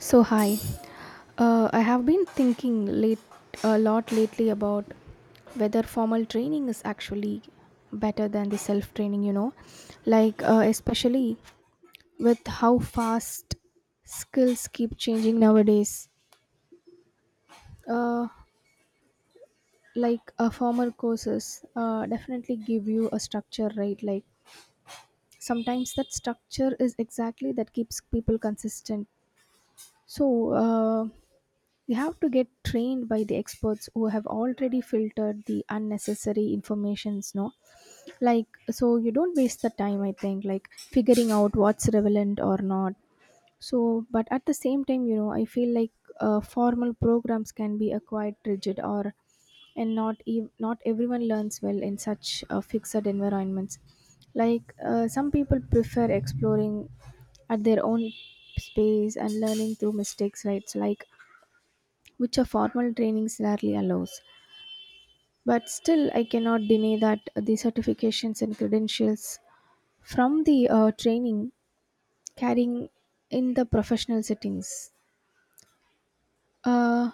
So hi, I have been thinking late a lot lately about whether formal training is actually better than the self training. You know, especially with how fast skills keep changing nowadays. Uh, Formal courses definitely give you a structure, right? Like sometimes that structure is exactly that keeps people consistent. So. Uh, You have to get trained by the experts who have already filtered the unnecessary informations, no? Like, so you don't waste the time, I think, like figuring out what's relevant or not. So, but at the same time, you know, I feel like formal programs can be a quite rigid or and not everyone learns well in such fixed environments, some people prefer exploring at their own space and learning through mistakes, right? So like which a formal trainings rarely allows. But still, I cannot deny that the certifications and credentials from the training carrying in the professional settings. Uh,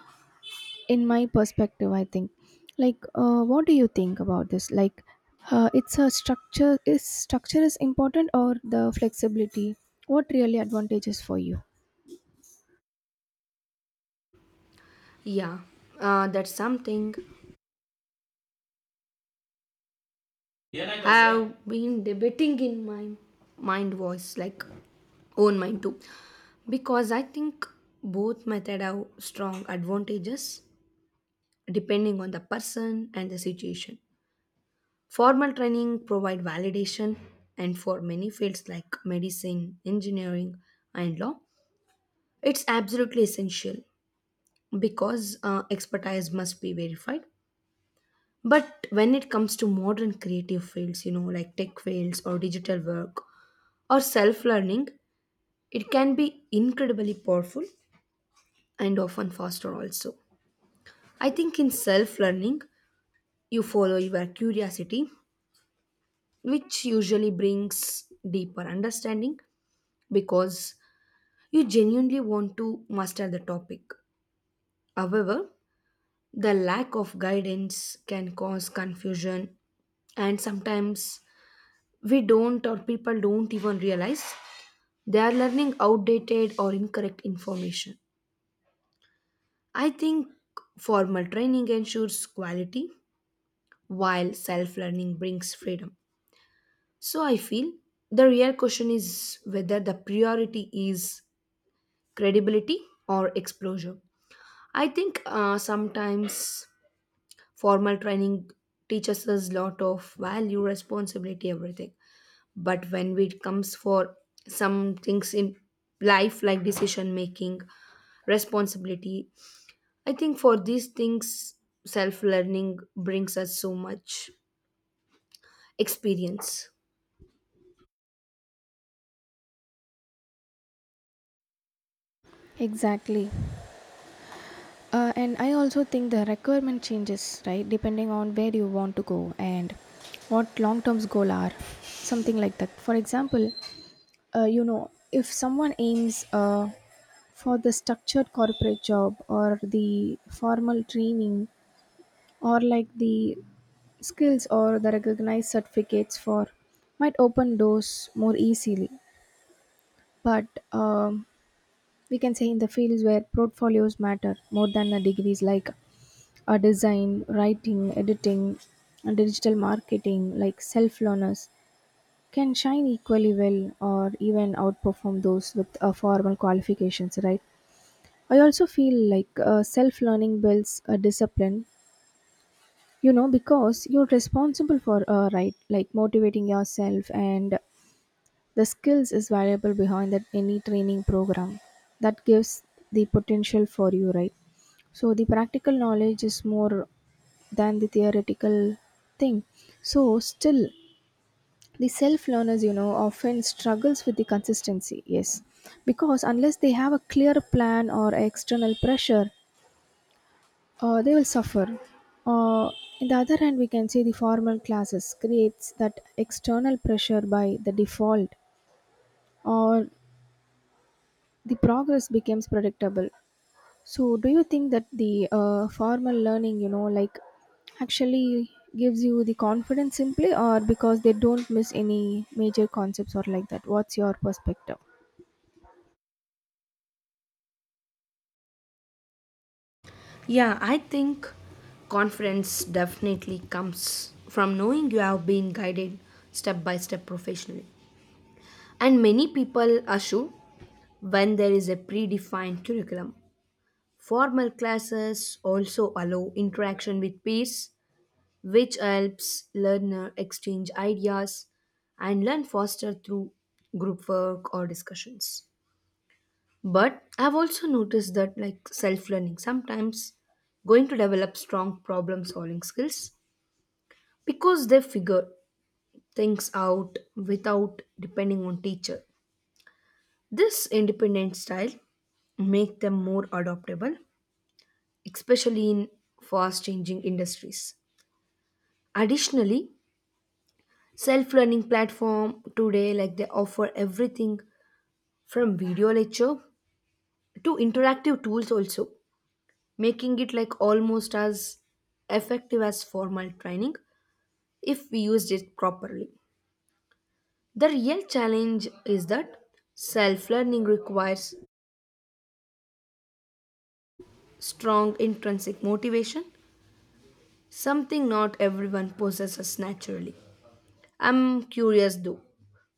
in my perspective, I think. Like, what do you think about this? Like, it's a structure. Is structure is important or the flexibility? What really advantages for you? Yeah, that's something. Yeah, like I've been debating in my mind voice, like own mind too, because I think both method have strong advantages depending on the person and the situation. Formal training provide validation, and for many fields like medicine, engineering, and law, it's absolutely essential because expertise must be verified. But when it comes to modern creative fields, you know, like tech fields or digital work or self learning, it can be incredibly powerful and often faster also. I think in self learning, you follow your curiosity, which usually brings deeper understanding because you genuinely want to master the topic. However, the lack of guidance can cause confusion and sometimes we don't or people don't even realize they are learning outdated or incorrect information. I think formal training ensures quality while self learning brings freedom. So I feel the real question is whether the priority is credibility or exposure. I think sometimes formal training teaches us lot of value, responsibility, everything. But when it comes for some things in life like decision making, responsibility, I think for these things self learning brings us so much experience. Exactly. And I also think the requirement changes, right, depending on where you want to go and what long term goal are, something like that. For example, you know, if someone aims for the structured corporate job or the formal training or like the skills or the recognized certificates for might open doors more easily, but um, we can say in the fields where portfolios matter more than the degrees, like design, writing, editing, and digital marketing, like self learners can shine equally well or even outperform those with formal qualifications, right? I also feel like self learning builds a discipline, you know, because you're responsible for, right, like motivating yourself, and the skills is valuable behind that any training program that gives the potential for you, right? So the practical knowledge is more than the theoretical thing. So still the self learners, you know, often struggles with the consistency, yes, because unless they have a clear plan or external pressure, they will suffer. uh, in the other hand, we can say the formal classes creates that external pressure by the default, or the progress becomes predictable. So, do you think that the formal learning, you know, like actually gives you the confidence simply or because they don't miss any major concepts or like that? What's your perspective? Yeah, I think confidence definitely comes from knowing you have been guided step by step professionally, and many people assume when there is a predefined curriculum formal classes also allow interaction with peers, which helps learner exchange ideas and learn faster through group work or discussions. But I've also noticed that like self learning sometimes going to develop strong problem solving skills because they figure things out without depending on teacher. This independent style make them more adaptable, especially in fast changing industries. Additionally, self-learning platform today like they offer everything from video lecture to interactive tools also, making it like almost as effective as formal training if we used it properly. The real challenge is that self-learning requires strong intrinsic motivation, something not everyone possesses naturally. I'm curious though,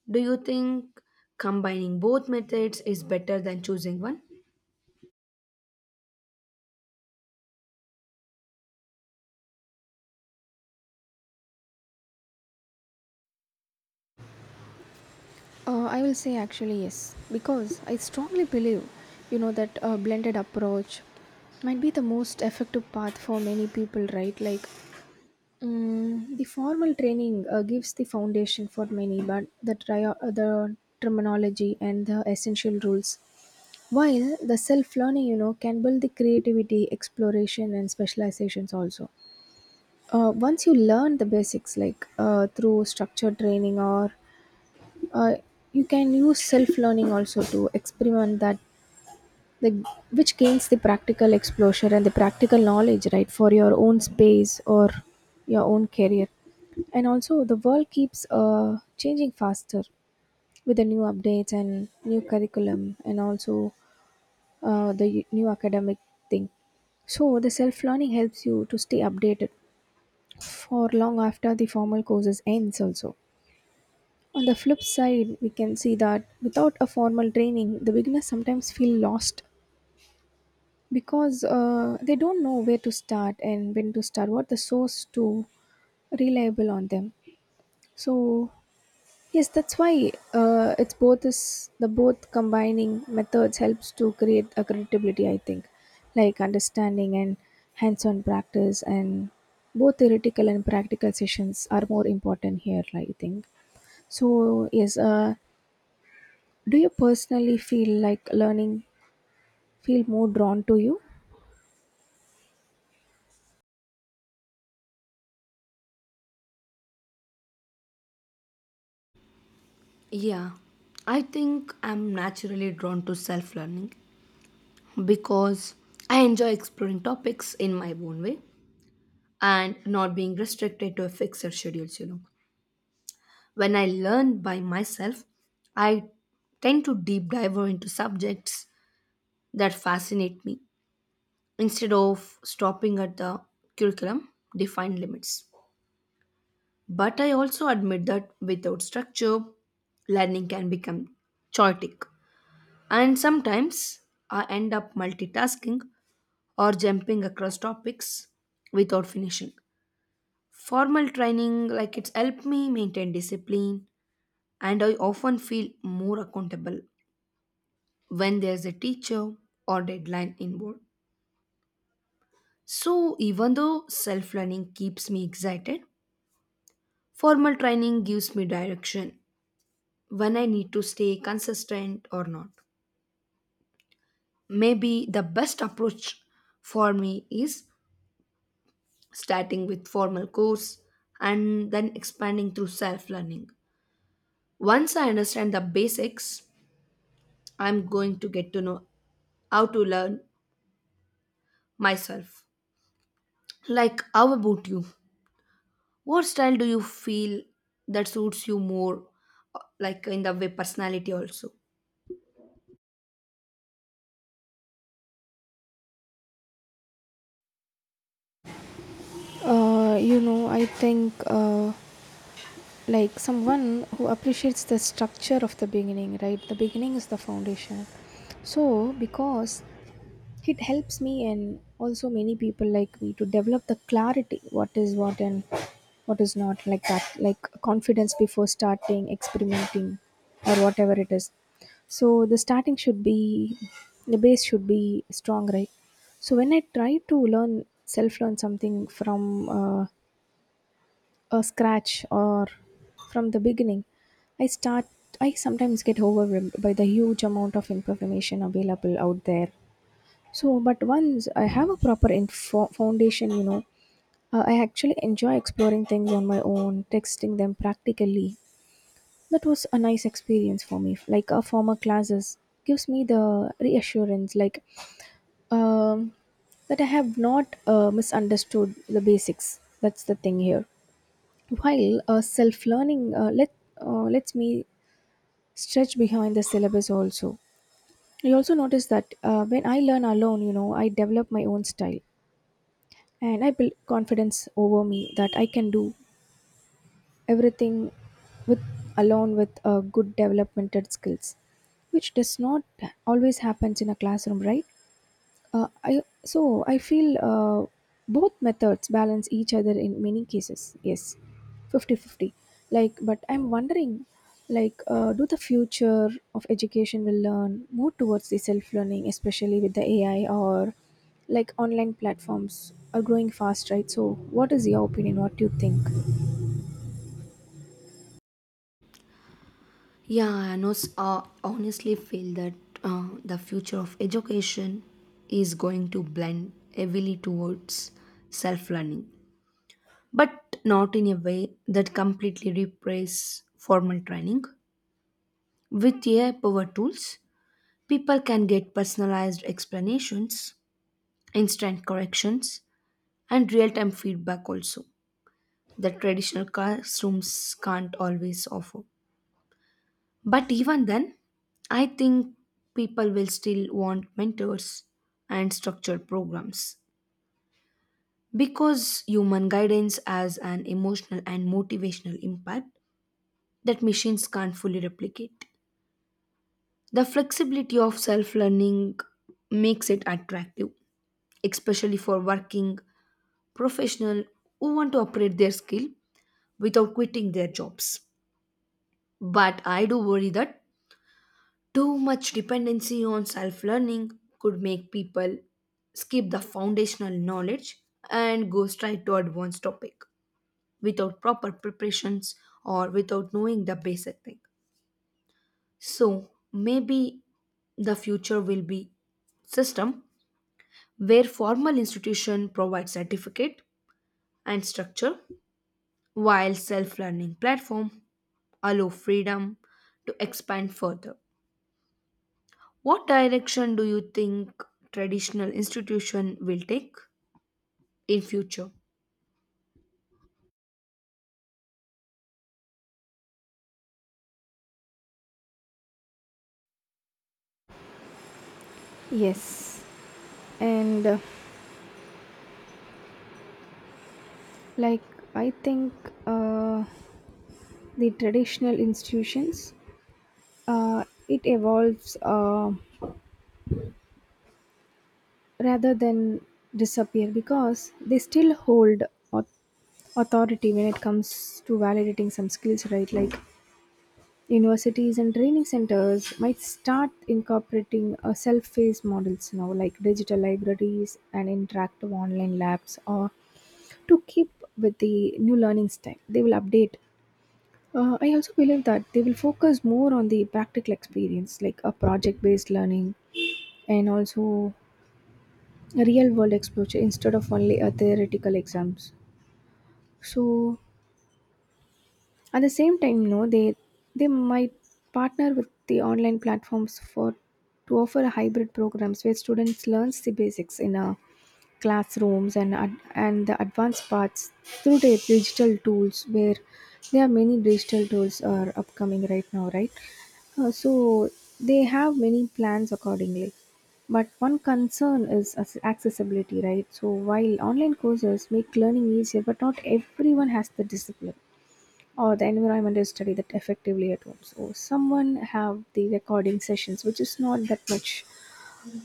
do you think combining both methods is better than choosing one? I will say actually yes, because I strongly believe, you know, that a blended approach might be the most effective path for many people, right? Like, mm the formal training gives the foundation for many, but the terminology and the essential rules. While the self learning, you know, can build the creativity, exploration, and specializations also. Once you learn the basics, like through structured training, or uh, you can use self learning also to experiment that, the, which gains the practical exposure and the practical knowledge, right, for your own space or your own career. And also, the world keeps changing faster with the new updates and new curriculum, and also the new academic thing. So the self learning helps you to stay updated for long after the formal courses ends also. On the flip side, we can see that without a formal training, the beginners sometimes feel lost because they don't know where to start and when to start, what the source to reliable on them. So yes, that's why it's both is the both combining methods helps to create a credibility. I think, like understanding and hands-on practice, and both theoretical and practical sessions are more important here. I think so. Yes, do you personally feel like learning feel more drawn to you? Yeah, I think I'm naturally drawn to self learning because I enjoy exploring topics in my own way and not being restricted to a fixed schedule, you know. When I learn by myself, I tend to deep dive into subjects that fascinate me instead of stopping at the curriculum defined limits. But I also admit that without structure, learning can become chaotic. And sometimes I end up multitasking or jumping across topics without finishing. Formal training, like it's helped me maintain discipline, and I often feel more accountable when there's a teacher or deadline involved. So, even though self learning keeps me excited, formal training gives me direction when I need to stay consistent or not. Maybe the best approach for me is starting with formal course and then expanding through self learning. Once I understand the basics, I'm going to get to know how to learn myself. Like, how about you? What style do you feel that suits you more, like in the way personality also? You know, I think. Like someone who appreciates the structure of the beginning, right? The beginning is the foundation. So because it helps me and also many people like me to develop the clarity what is what and what is not, like that, like confidence before starting experimenting or whatever it is. So the starting should be, the base should be strong, right? So when I try to learn self learn something from a scratch or from the beginning, i start I sometimes get overwhelmed by the huge amount of information available out there. So but once I have a proper foundation, you know, I actually enjoy exploring things on my own, texting them practically. That was a nice experience for me. Like a former classes gives me the reassurance, like um, that I have not misunderstood the basics. That's the thing here. While self-learning let lets me stretch behind the syllabus also. I also notice that when I learn alone, you know, I develop my own style and I build confidence over me that I can do everything with alone with good developmented skills, which does not always happens in a classroom, right? I So I feel both methods balance each other in many cases. Yes, 50 50. Like, but I'm wondering, like, do the future of education will learn more towards the self-learning, especially with the AI or like online platforms are growing fast, right? So, what is your opinion? What do you think? Yeah, I know, honestly feel that the future of education is going to blend heavily towards self learning but not in a way that completely replaces formal training. With AI powered tools, people can get personalized explanations, instant corrections, and real time feedback also that traditional classrooms can't always offer. But even then, I think people will still want mentors and structured programs because human guidance has an emotional and motivational impact that machines can't fully replicate. The flexibility of self learning makes it attractive, especially for working professionals who want to operate their skill without quitting their jobs. But I do worry that too much dependency on self learning could make people skip the foundational knowledge and go straight to advanced topic without proper preparations or without knowing the basic thing. So maybe the future will be system where formal institution provide certificate and structure while self-learning platform allow freedom to expand further. What direction do you think traditional institution will take in future? Yes, and like I think uh, the traditional institutions it evolves. Rather than disappear, because they still hold au- authority when it comes to validating some skills, right? Like universities and training centers might start incorporating self-paced models now, like digital libraries and interactive online labs or to keep with the new learning style they will update. I also believe that they will focus more on the practical experience, like a project-based learning, and also real world exposure instead of only a theoretical exams. So at the same time, no, they might partner with the online platforms for to offer hybrid programs where students learns the basics in a classrooms, and the advanced parts through the digital tools, where there are many digital tools are upcoming right now, right? So they have many plans accordingly. But one concern is accessibility, right? So while online courses make learning easier, but not everyone has the discipline or the environment to study that effectively at home, so someone have the recording sessions which is not that much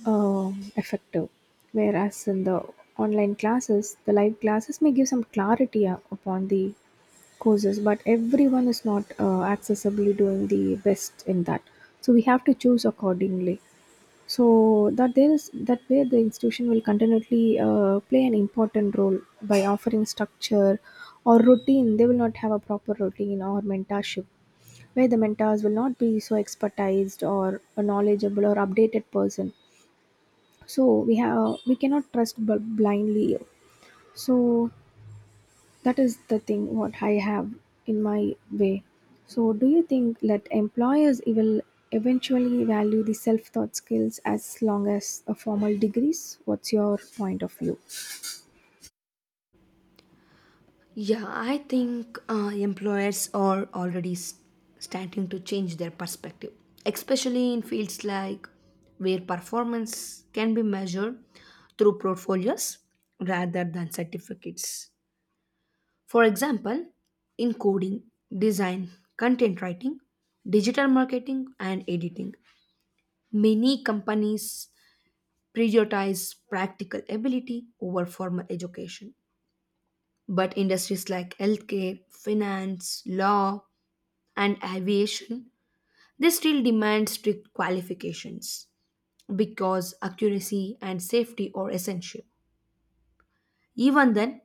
effective. Whereas in the online classes, the live classes may give some clarity upon the courses, but everyone is not accessibly doing the best in that. So we have to choose accordingly. So that there is that way the institution will continually play an important role by offering structure or routine. They will not have a proper routine or mentorship where the mentors will not be so expertised or a knowledgeable or updated person, so we cannot trust blindly. So that is the thing what I have in my way. So do you think that employers will eventually value the self-taught skills as long as a formal degrees? What's your point of view? Yeah, I think employers are already starting to change their perspective, especially in fields like where performance can be measured through portfolios rather than certificates. For example, in coding, design, content writing, digital marketing, and editing, many companies prioritize practical ability over formal education. But industries like healthcare, finance, law, and aviation, they still demand strict qualifications because accuracy and safety are essential. Even then,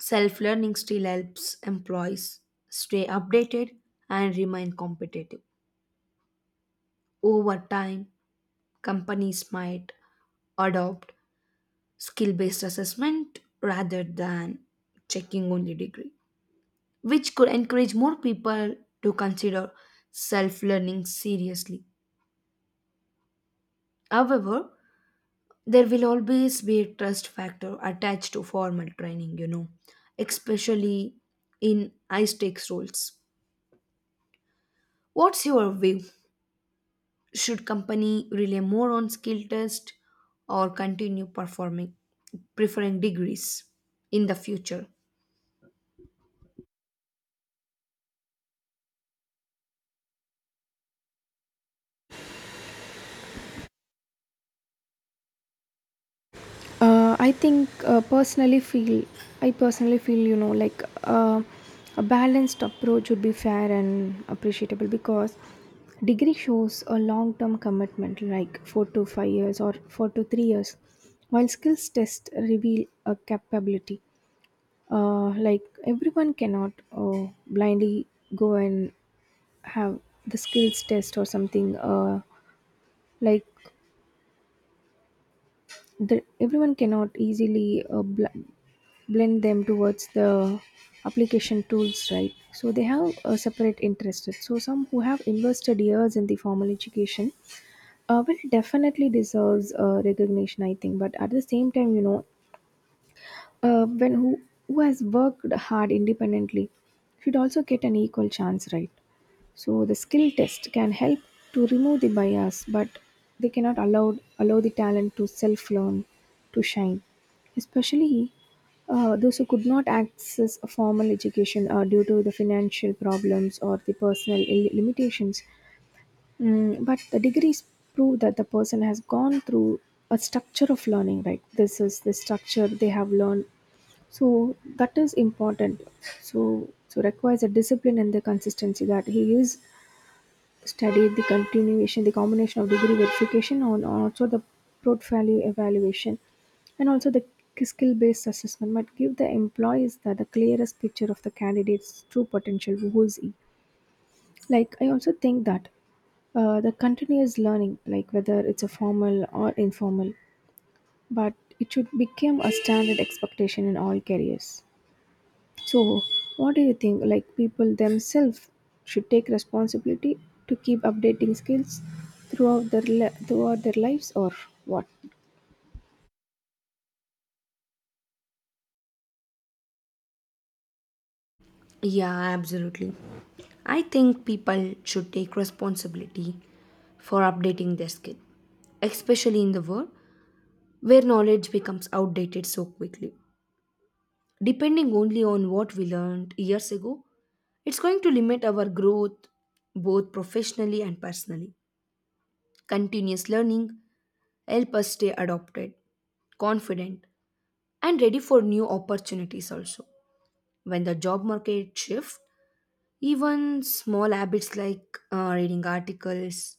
self-learning still helps employees stay updated and remain competitive. Over time, companies might adopt skill-based assessment rather than checking only degree, which could encourage more people to consider self learning seriously. However, there will always be a trust factor attached to formal training, you know, especially in high stakes roles. What's your view? Should company rely more on skill test or continue performing preferring degrees in the future? Uh, I think uh, personally feel I personally feel, you know, like a balanced approach would be fair and appreciable, because degree shows a long term commitment like 4 to 5 years or 4 to 3 years, while skills test reveal a capability. Like everyone cannot blindly go and have the skills test or something, like the, everyone cannot easily blend them towards the application tools, right? So they have a separate interest. So some who have invested years in the formal education well definitely deserves recognition, I think. But at the same time, you know, uh, when who, who has worked hard independently should also get an equal chance, right? So the skill test can help to remove the bias, but they cannot allow the talent to self learn, to shine, especially those who could not access a formal education due to the financial problems or the personal limitations. Mm, but the degrees prove that the person has gone through a structure of learning, right? This is the structure they have learned. So that is important. So so requires a discipline and the consistency that he is. Study the continuation, the combination of degree verification and also the portfolio evaluation and also the skill-based assessment might give the employees the clearest picture of the candidate's true potential, who is he. Like I also think that the continuous learning, like whether it's a formal or informal, but it should become a standard expectation in all careers. So, what do you think? Like, people themselves should take responsibility to keep updating skills throughout their throughout their lives, or what? Yeah, absolutely. I think people should take responsibility for updating their skill, especially in the world where knowledge becomes outdated so quickly. Depending only on what we learned years ago, it's going to limit our growth both professionally and personally. Continuous learning help us stay adopted, confident, and ready for new opportunities also. When the job market shifts, even small habits like reading articles,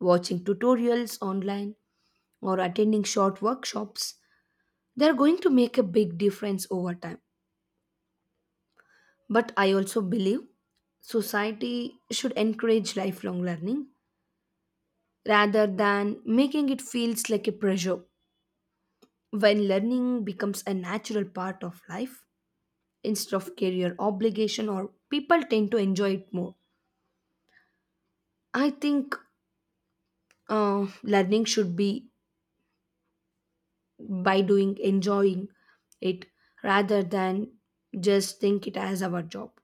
watching tutorials online, or attending short workshops, they're going to make a big difference over time. But I also believe society should encourage lifelong learning rather than making it feels like a pressure. When learning becomes a natural part of life instead of career obligation or people tend to enjoy it more. I think learning should be by doing enjoying it rather than just think it as our job.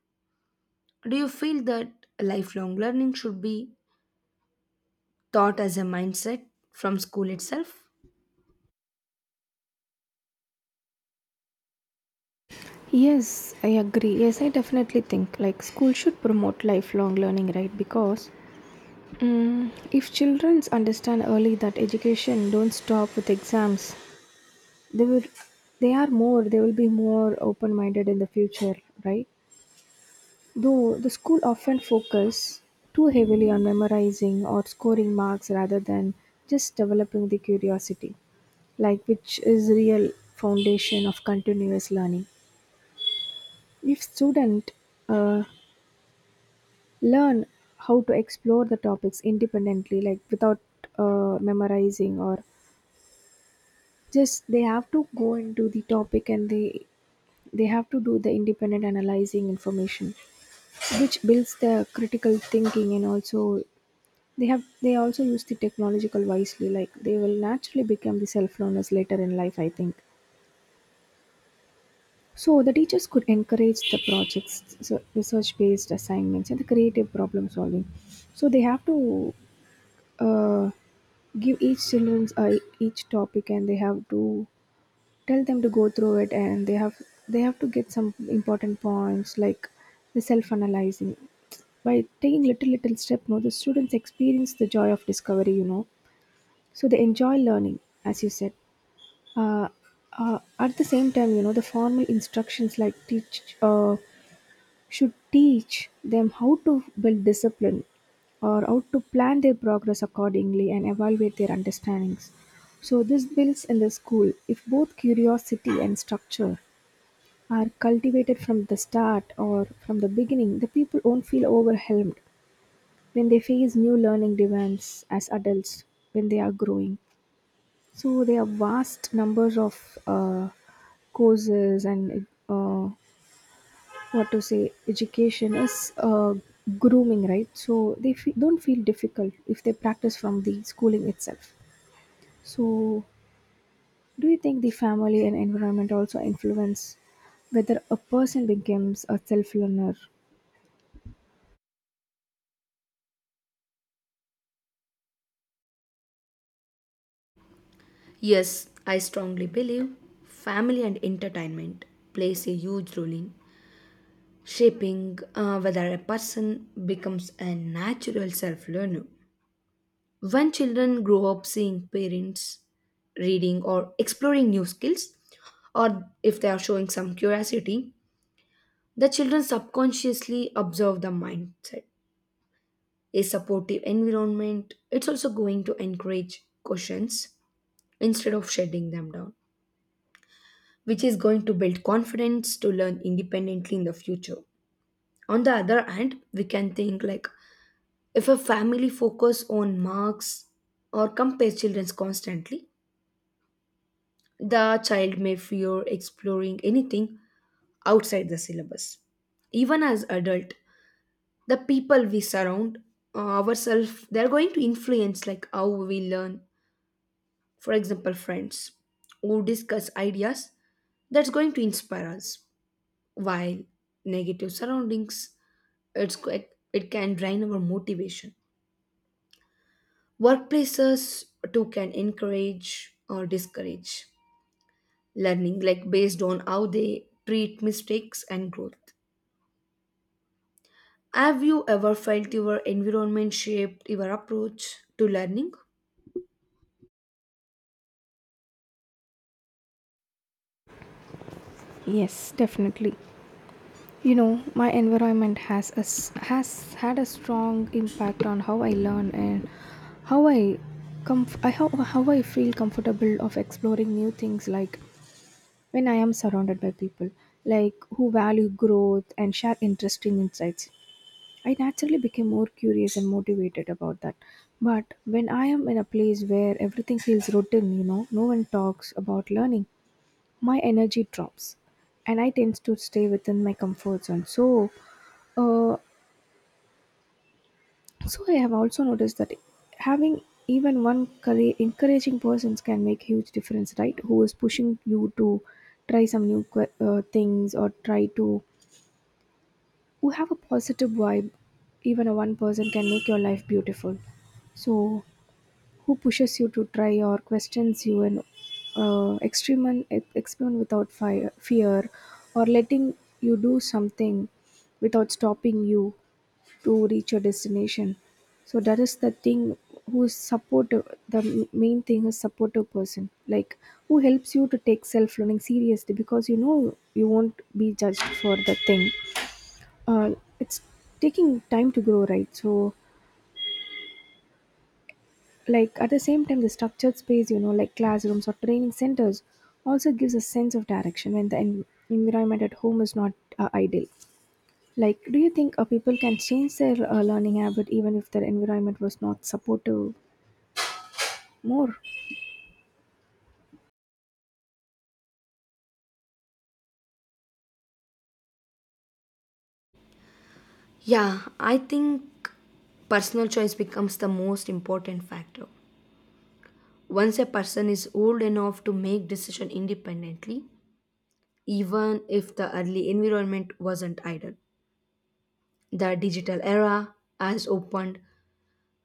Do you feel that lifelong learning should be taught as a mindset from school itself? Yes, I agree. Yes, I definitely think like school should promote lifelong learning, right? Because mm if children understand early that education don't stop with exams, they will they will be more open minded in the future, right? Though the school often focus too heavily on memorizing or scoring marks rather than just developing the curiosity, like which is real foundation of continuous learning. If student uh, learn how to explore the topics independently, like without memorizing or just they have to go into the topic and they have to do the independent analyzing information which builds the critical thinking and also they also use the technological wisely, like they will naturally become the self learners later in life, I think. So the teachers could encourage the projects, so research based assignments and the creative problem solving. So they have to uh, give each children each topic, and they have to tell them to go through it, and they have to get some important points like the self analyzing. By taking little little step, no, the students experience the joy of discovery. So they enjoy learning, as you said. Uh, at the same time, the formal instructions like teach should teach them how to build discipline or how to plan their progress accordingly and evaluate their understandings. So this builds in the school if both curiosity and structure are cultivated from the start or from the beginning, the people won't feel overwhelmed when they face new learning demands as adults when they are growing. So there are vast numbers of courses and what to say. Education is grooming, right? So they fe- don't feel difficult if they practice from the schooling itself. So do you think the family and environment also influence whether a person becomes a self learner? Yes, I strongly believe family and entertainment plays a huge role in shaping whether a person becomes a natural self learner. When children grow up seeing parents reading or exploring new skills or if they are showing some curiosity, the children subconsciously observe the mindset. A supportive environment, it's also going to encourage questions instead of shutting them down, which is going to build confidence to learn independently in the future. On the other hand, we can think like if a family focus on marks or compare children constantly, the child may fear exploring anything outside the syllabus even as adult. The people we surround ourselves, they're going to influence like how we learn. For example, friends who discuss ideas, that's going to inspire us, while negative surroundings, it can drain our motivation. Workplaces too can encourage or discourage learning like based on how they treat mistakes and growth. Have you ever felt your environment shaped your approach to learning? Yes, definitely. You know, my environment has a s has had a strong impact on how I learn and how i how I feel comfortable of exploring new things, like when I am surrounded by people like who value growth and share interesting insights, I naturally became more curious and motivated about that. But when I am in a place where everything feels routine, you know, no one talks about learning, my energy drops and I tend to stay within my comfort zone. So uh, so I have also noticed that having even one courage, encouraging persons can make huge difference, right? Who is pushing you to try some things or try to, who have a positive vibe. Even a one person can make your life beautiful. So who pushes you to try or questions you and experiment without fear, or letting you do something without stopping you to reach your destination. So that is the thing, who is supportive. The m- main thing is supportive person, like who helps you to take self learning seriously because you know you won't be judged for the thing. Uh, it's taking time to grow, right? So, like at the same time, the structured space, you know, like classrooms or training centers, also gives a sense of direction when the en- environment at home is not ideal. Like, do you think people can change their learning habit even if their environment was not supportive? More? Yeah, I think personal choice becomes the most important factor. Once a person is old enough to make decision independently, even if the early environment wasn't ideal, the digital era has opened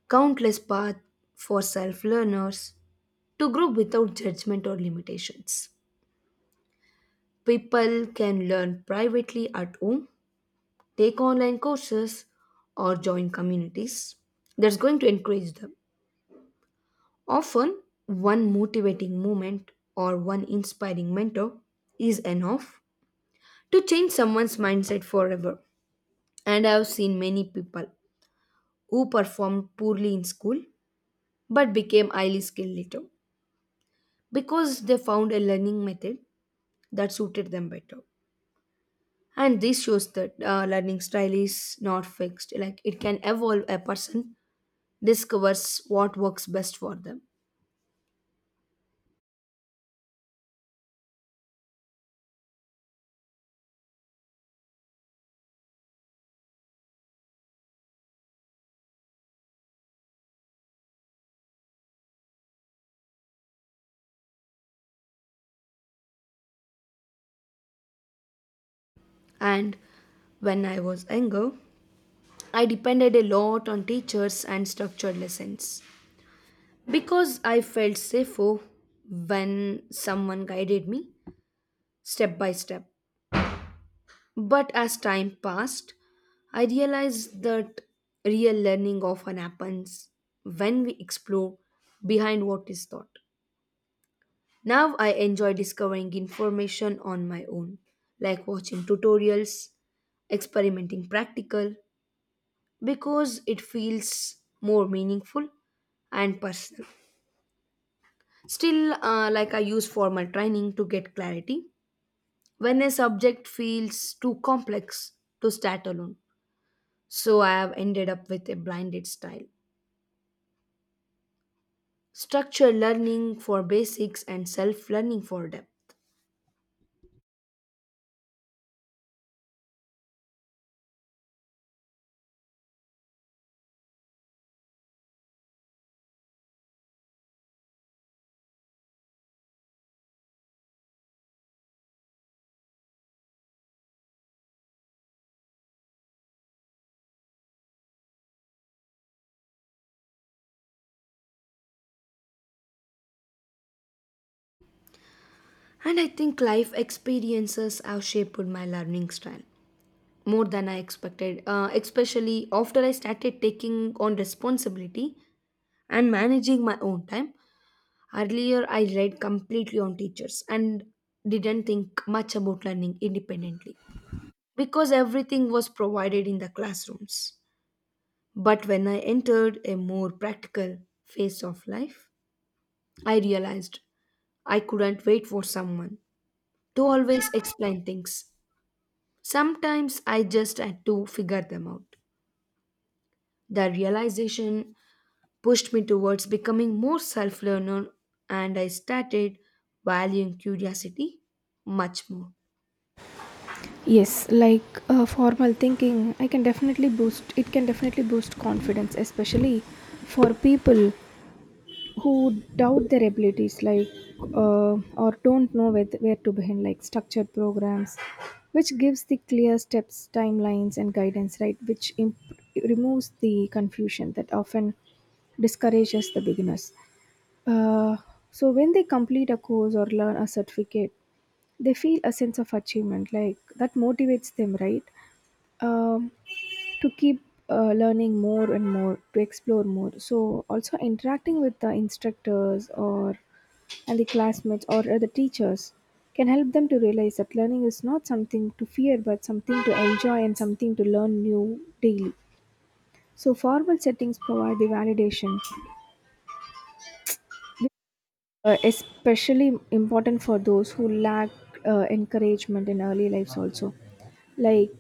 countless paths for self-learners to grow without judgment or limitations. People can learn privately at home, take online courses, or join communities that's going to encourage them. Often, one motivating moment or one inspiring mentor is enough to change someone's mindset forever. And I have seen many people who performed poorly in school but became highly skilled later because they found a learning method that suited them better. And this shows that learning style is not fixed, like it can evolve a person discovers what works best for them. And when I was younger, I depended a lot on teachers and structured lessons because I felt safer when someone guided me step by step. But as time passed, I realized that real learning often happens when we explore behind what is taught. Now I enjoy discovering information on my own, like watching tutorials, experimenting practical, because it feels more meaningful and personal. Still, like I use formal training to get clarity when a subject feels too complex to start alone. So I have ended up with a blinded style. Structured learning for basics and self learning for depth. And I think life experiences have shaped my learning style more than I expected, especially after I started taking on responsibility and managing my own time. Earlier, I relied completely on teachers and didn't think much about learning independently because everything was provided in the classrooms. But when I entered a more practical phase of life, I realized I couldn't wait for someone to always explain things. Sometimes I just had to figure them out. The realization pushed me towards becoming more self learner, and I started valuing curiosity much more. Yes, like formal thinking, I can definitely boost, it can definitely boost confidence, especially for people who doubt their abilities, like, or don't know where to begin, like structured programs, which gives the clear steps, timelines, and guidance, right? Which imp- removes the confusion that often discourages the beginners. Uh, so when they complete a course or learn a certificate, they feel a sense of achievement like that motivates them, right? um, to keep learning more and more to explore more. So also interacting with the instructors or and the classmates or the teachers can help them to realize that learning is not something to fear but something to enjoy and something to learn new daily. So formal settings provide the validation, especially important for those who lack encouragement in early lives also. Like,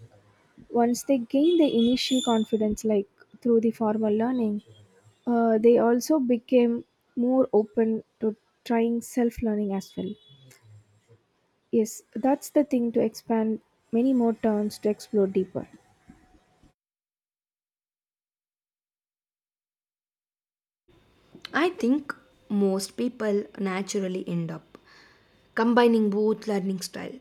once they gain the initial confidence, like through the formal learning, they also became more open to trying self learning as well. Yes, that's the thing, to expand many more terms to explore deeper. I think most people naturally end up combining both learning style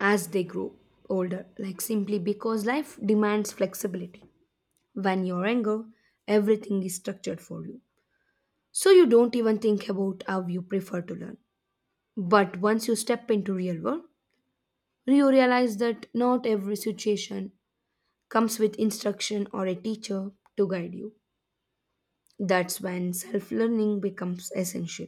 as they grow older, like simply because life demands flexibility. When you're younger, everything is structured for you, so you don't even think about how you prefer to learn. But once you step into real world, you realize that not every situation comes with instruction or a teacher to guide you. That's when self-learning becomes essential.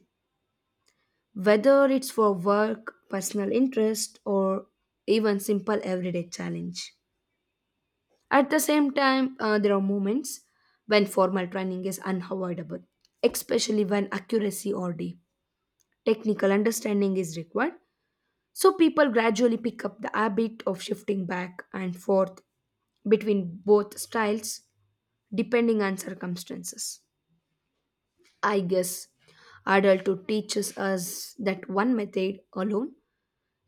Whether it's for work, personal interest, or even simple everyday challenge. At the same time, there are moments when formal training is unavoidable, especially when accuracy or deep technical understanding is required. So people gradually pick up the habit of shifting back and forth between both styles depending on circumstances. I guess adulthood teaches us that one method alone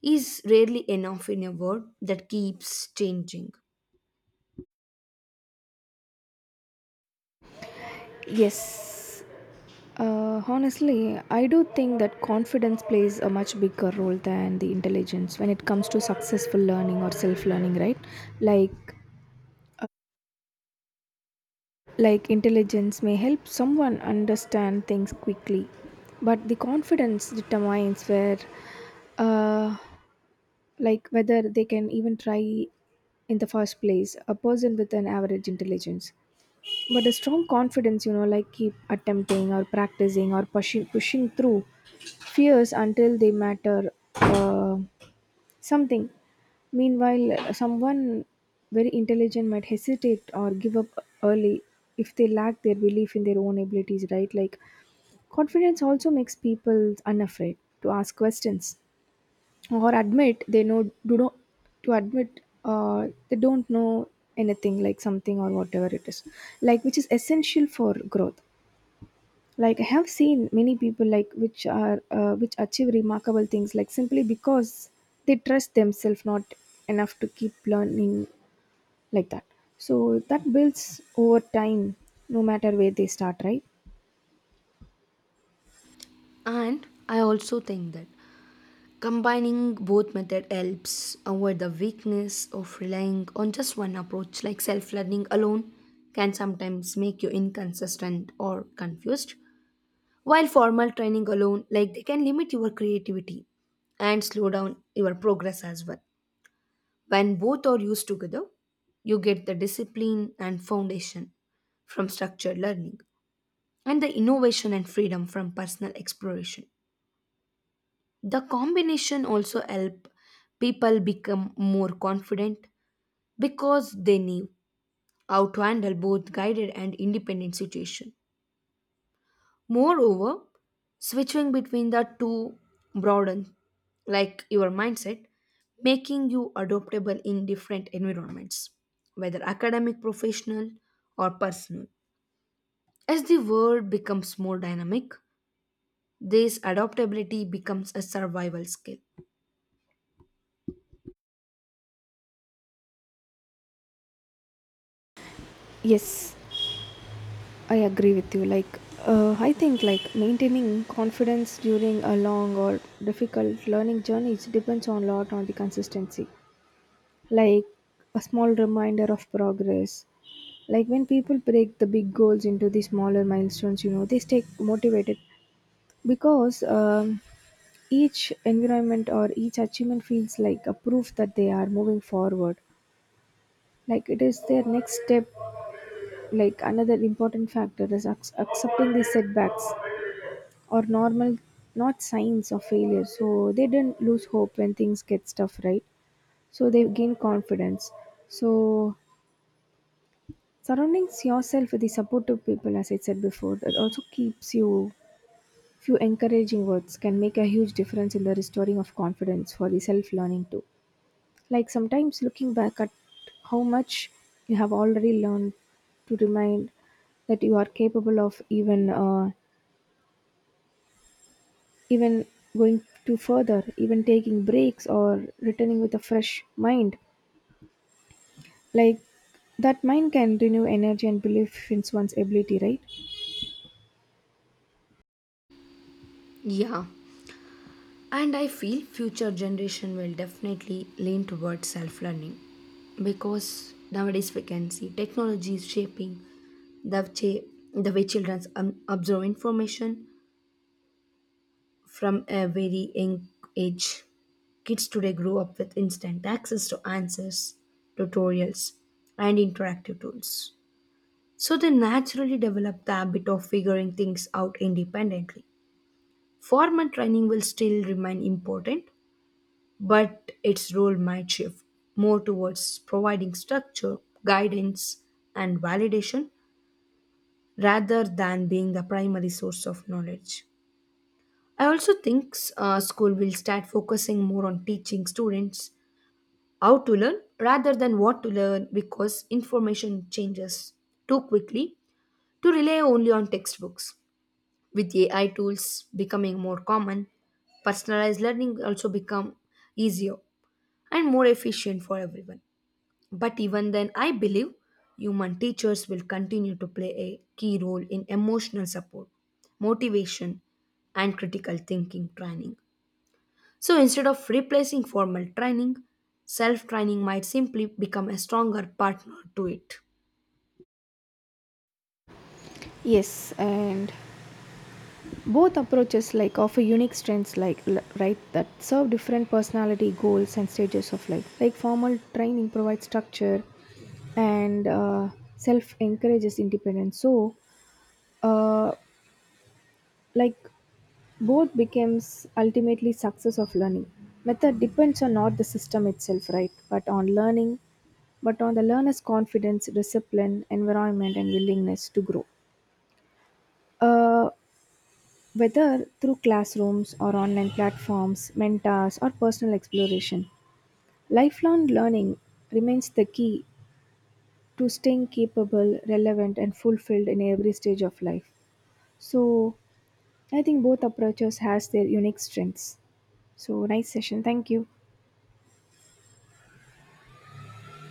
is rarely enough in a world that keeps changing. Yes. Honestly, I do think that confidence plays a much bigger role than the intelligence when it comes to successful learning or self learning, right? Like, like intelligence may help someone understand things quickly, but the confidence determines where uh, like whether they can even try in the first place. A person with an average intelligence but a strong confidence, you know, like keep attempting or practicing or pushing through fears until they matter uh, something. Meanwhile, someone very intelligent might hesitate or give up early if they lack their belief in their own abilities, right? Like, confidence also makes people unafraid to ask questions or admit they don't know anything, like something or whatever it is, like, which is essential for growth. Like I have seen many people like which achieve remarkable things like simply because they trust themselves not enough to keep learning like that. So that builds over time, no matter where they start, right? And I also think that combining both method helps avoid the weakness of relying on just one approach like self-learning alone can sometimes make you inconsistent or confused. While formal training alone, like they can limit your creativity and slow down your progress as well. When both are used together, you get the discipline and foundation from structured learning and the innovation and freedom from personal exploration. The combination also help people become more confident because they knew how to handle both guided and independent situation. Moreover, switching between the two broadens, like your mindset, making you adaptable in different environments, whether academic, professional, or personal. As the world becomes more dynamic, this adaptability becomes a survival skill. Yes, I agree with you. Like, I think like maintaining confidence during a long or difficult learning journey, it depends on a lot on the consistency. Like a small reminder of progress. Like when people break the big goals into the smaller milestones, you know, they stay motivated because each environment or each achievement feels like a proof that they are moving forward, like it is their next step. Like another important factor is ac- accepting these setbacks or normal, not signs of failure, so they didn't lose hope when things get tough, right? So they gain confidence. So surrounding yourself with the supportive people, as I said before, that also keeps you. Few encouraging words can make a huge difference in the restoring of confidence for the self learning too. Like sometimes looking back at how much you have already learned to remind that you are capable of even even going to further, even taking breaks or returning with a fresh mind. Like that mind can renew energy and belief in one's ability, right? Yeah. And I feel future generation will definitely lean towards self-learning because nowadays we can see technology is shaping the way, the way children absorb information from a very young age. Kids today grow up with instant access to answers, tutorials, and interactive tools. So they naturally develop the habit of figuring things out independently. Formal training will still remain important, but its role might shift more towards providing structure, guidance, and validation rather than being the primary source of knowledge. I also think school will start focusing more on teaching students how to learn rather than what to learn because information changes too quickly to rely only on textbooks. With AI tools becoming more common, personalized learning also become easier and more efficient for everyone. But even then, I believe human teachers will continue to play a key role in emotional support, motivation, and critical thinking training. So instead of replacing formal training, self training might simply become a stronger partner to it. Yes, and both approaches like offer unique strengths like l- right, that serve different personality goals and stages of life. Like formal training provides structure and self encourages independence. So uh, like both becomes ultimately success of learning method depends on not the system itself, right, but on learning, but on the learner's confidence, discipline, environment, and willingness to grow. uh, Whether through classrooms or online platforms, mentors, or personal exploration, lifelong learning remains the key to staying capable, relevant, and fulfilled in every stage of life. So, I think both approaches has their unique strengths. So, nice session. Thank you.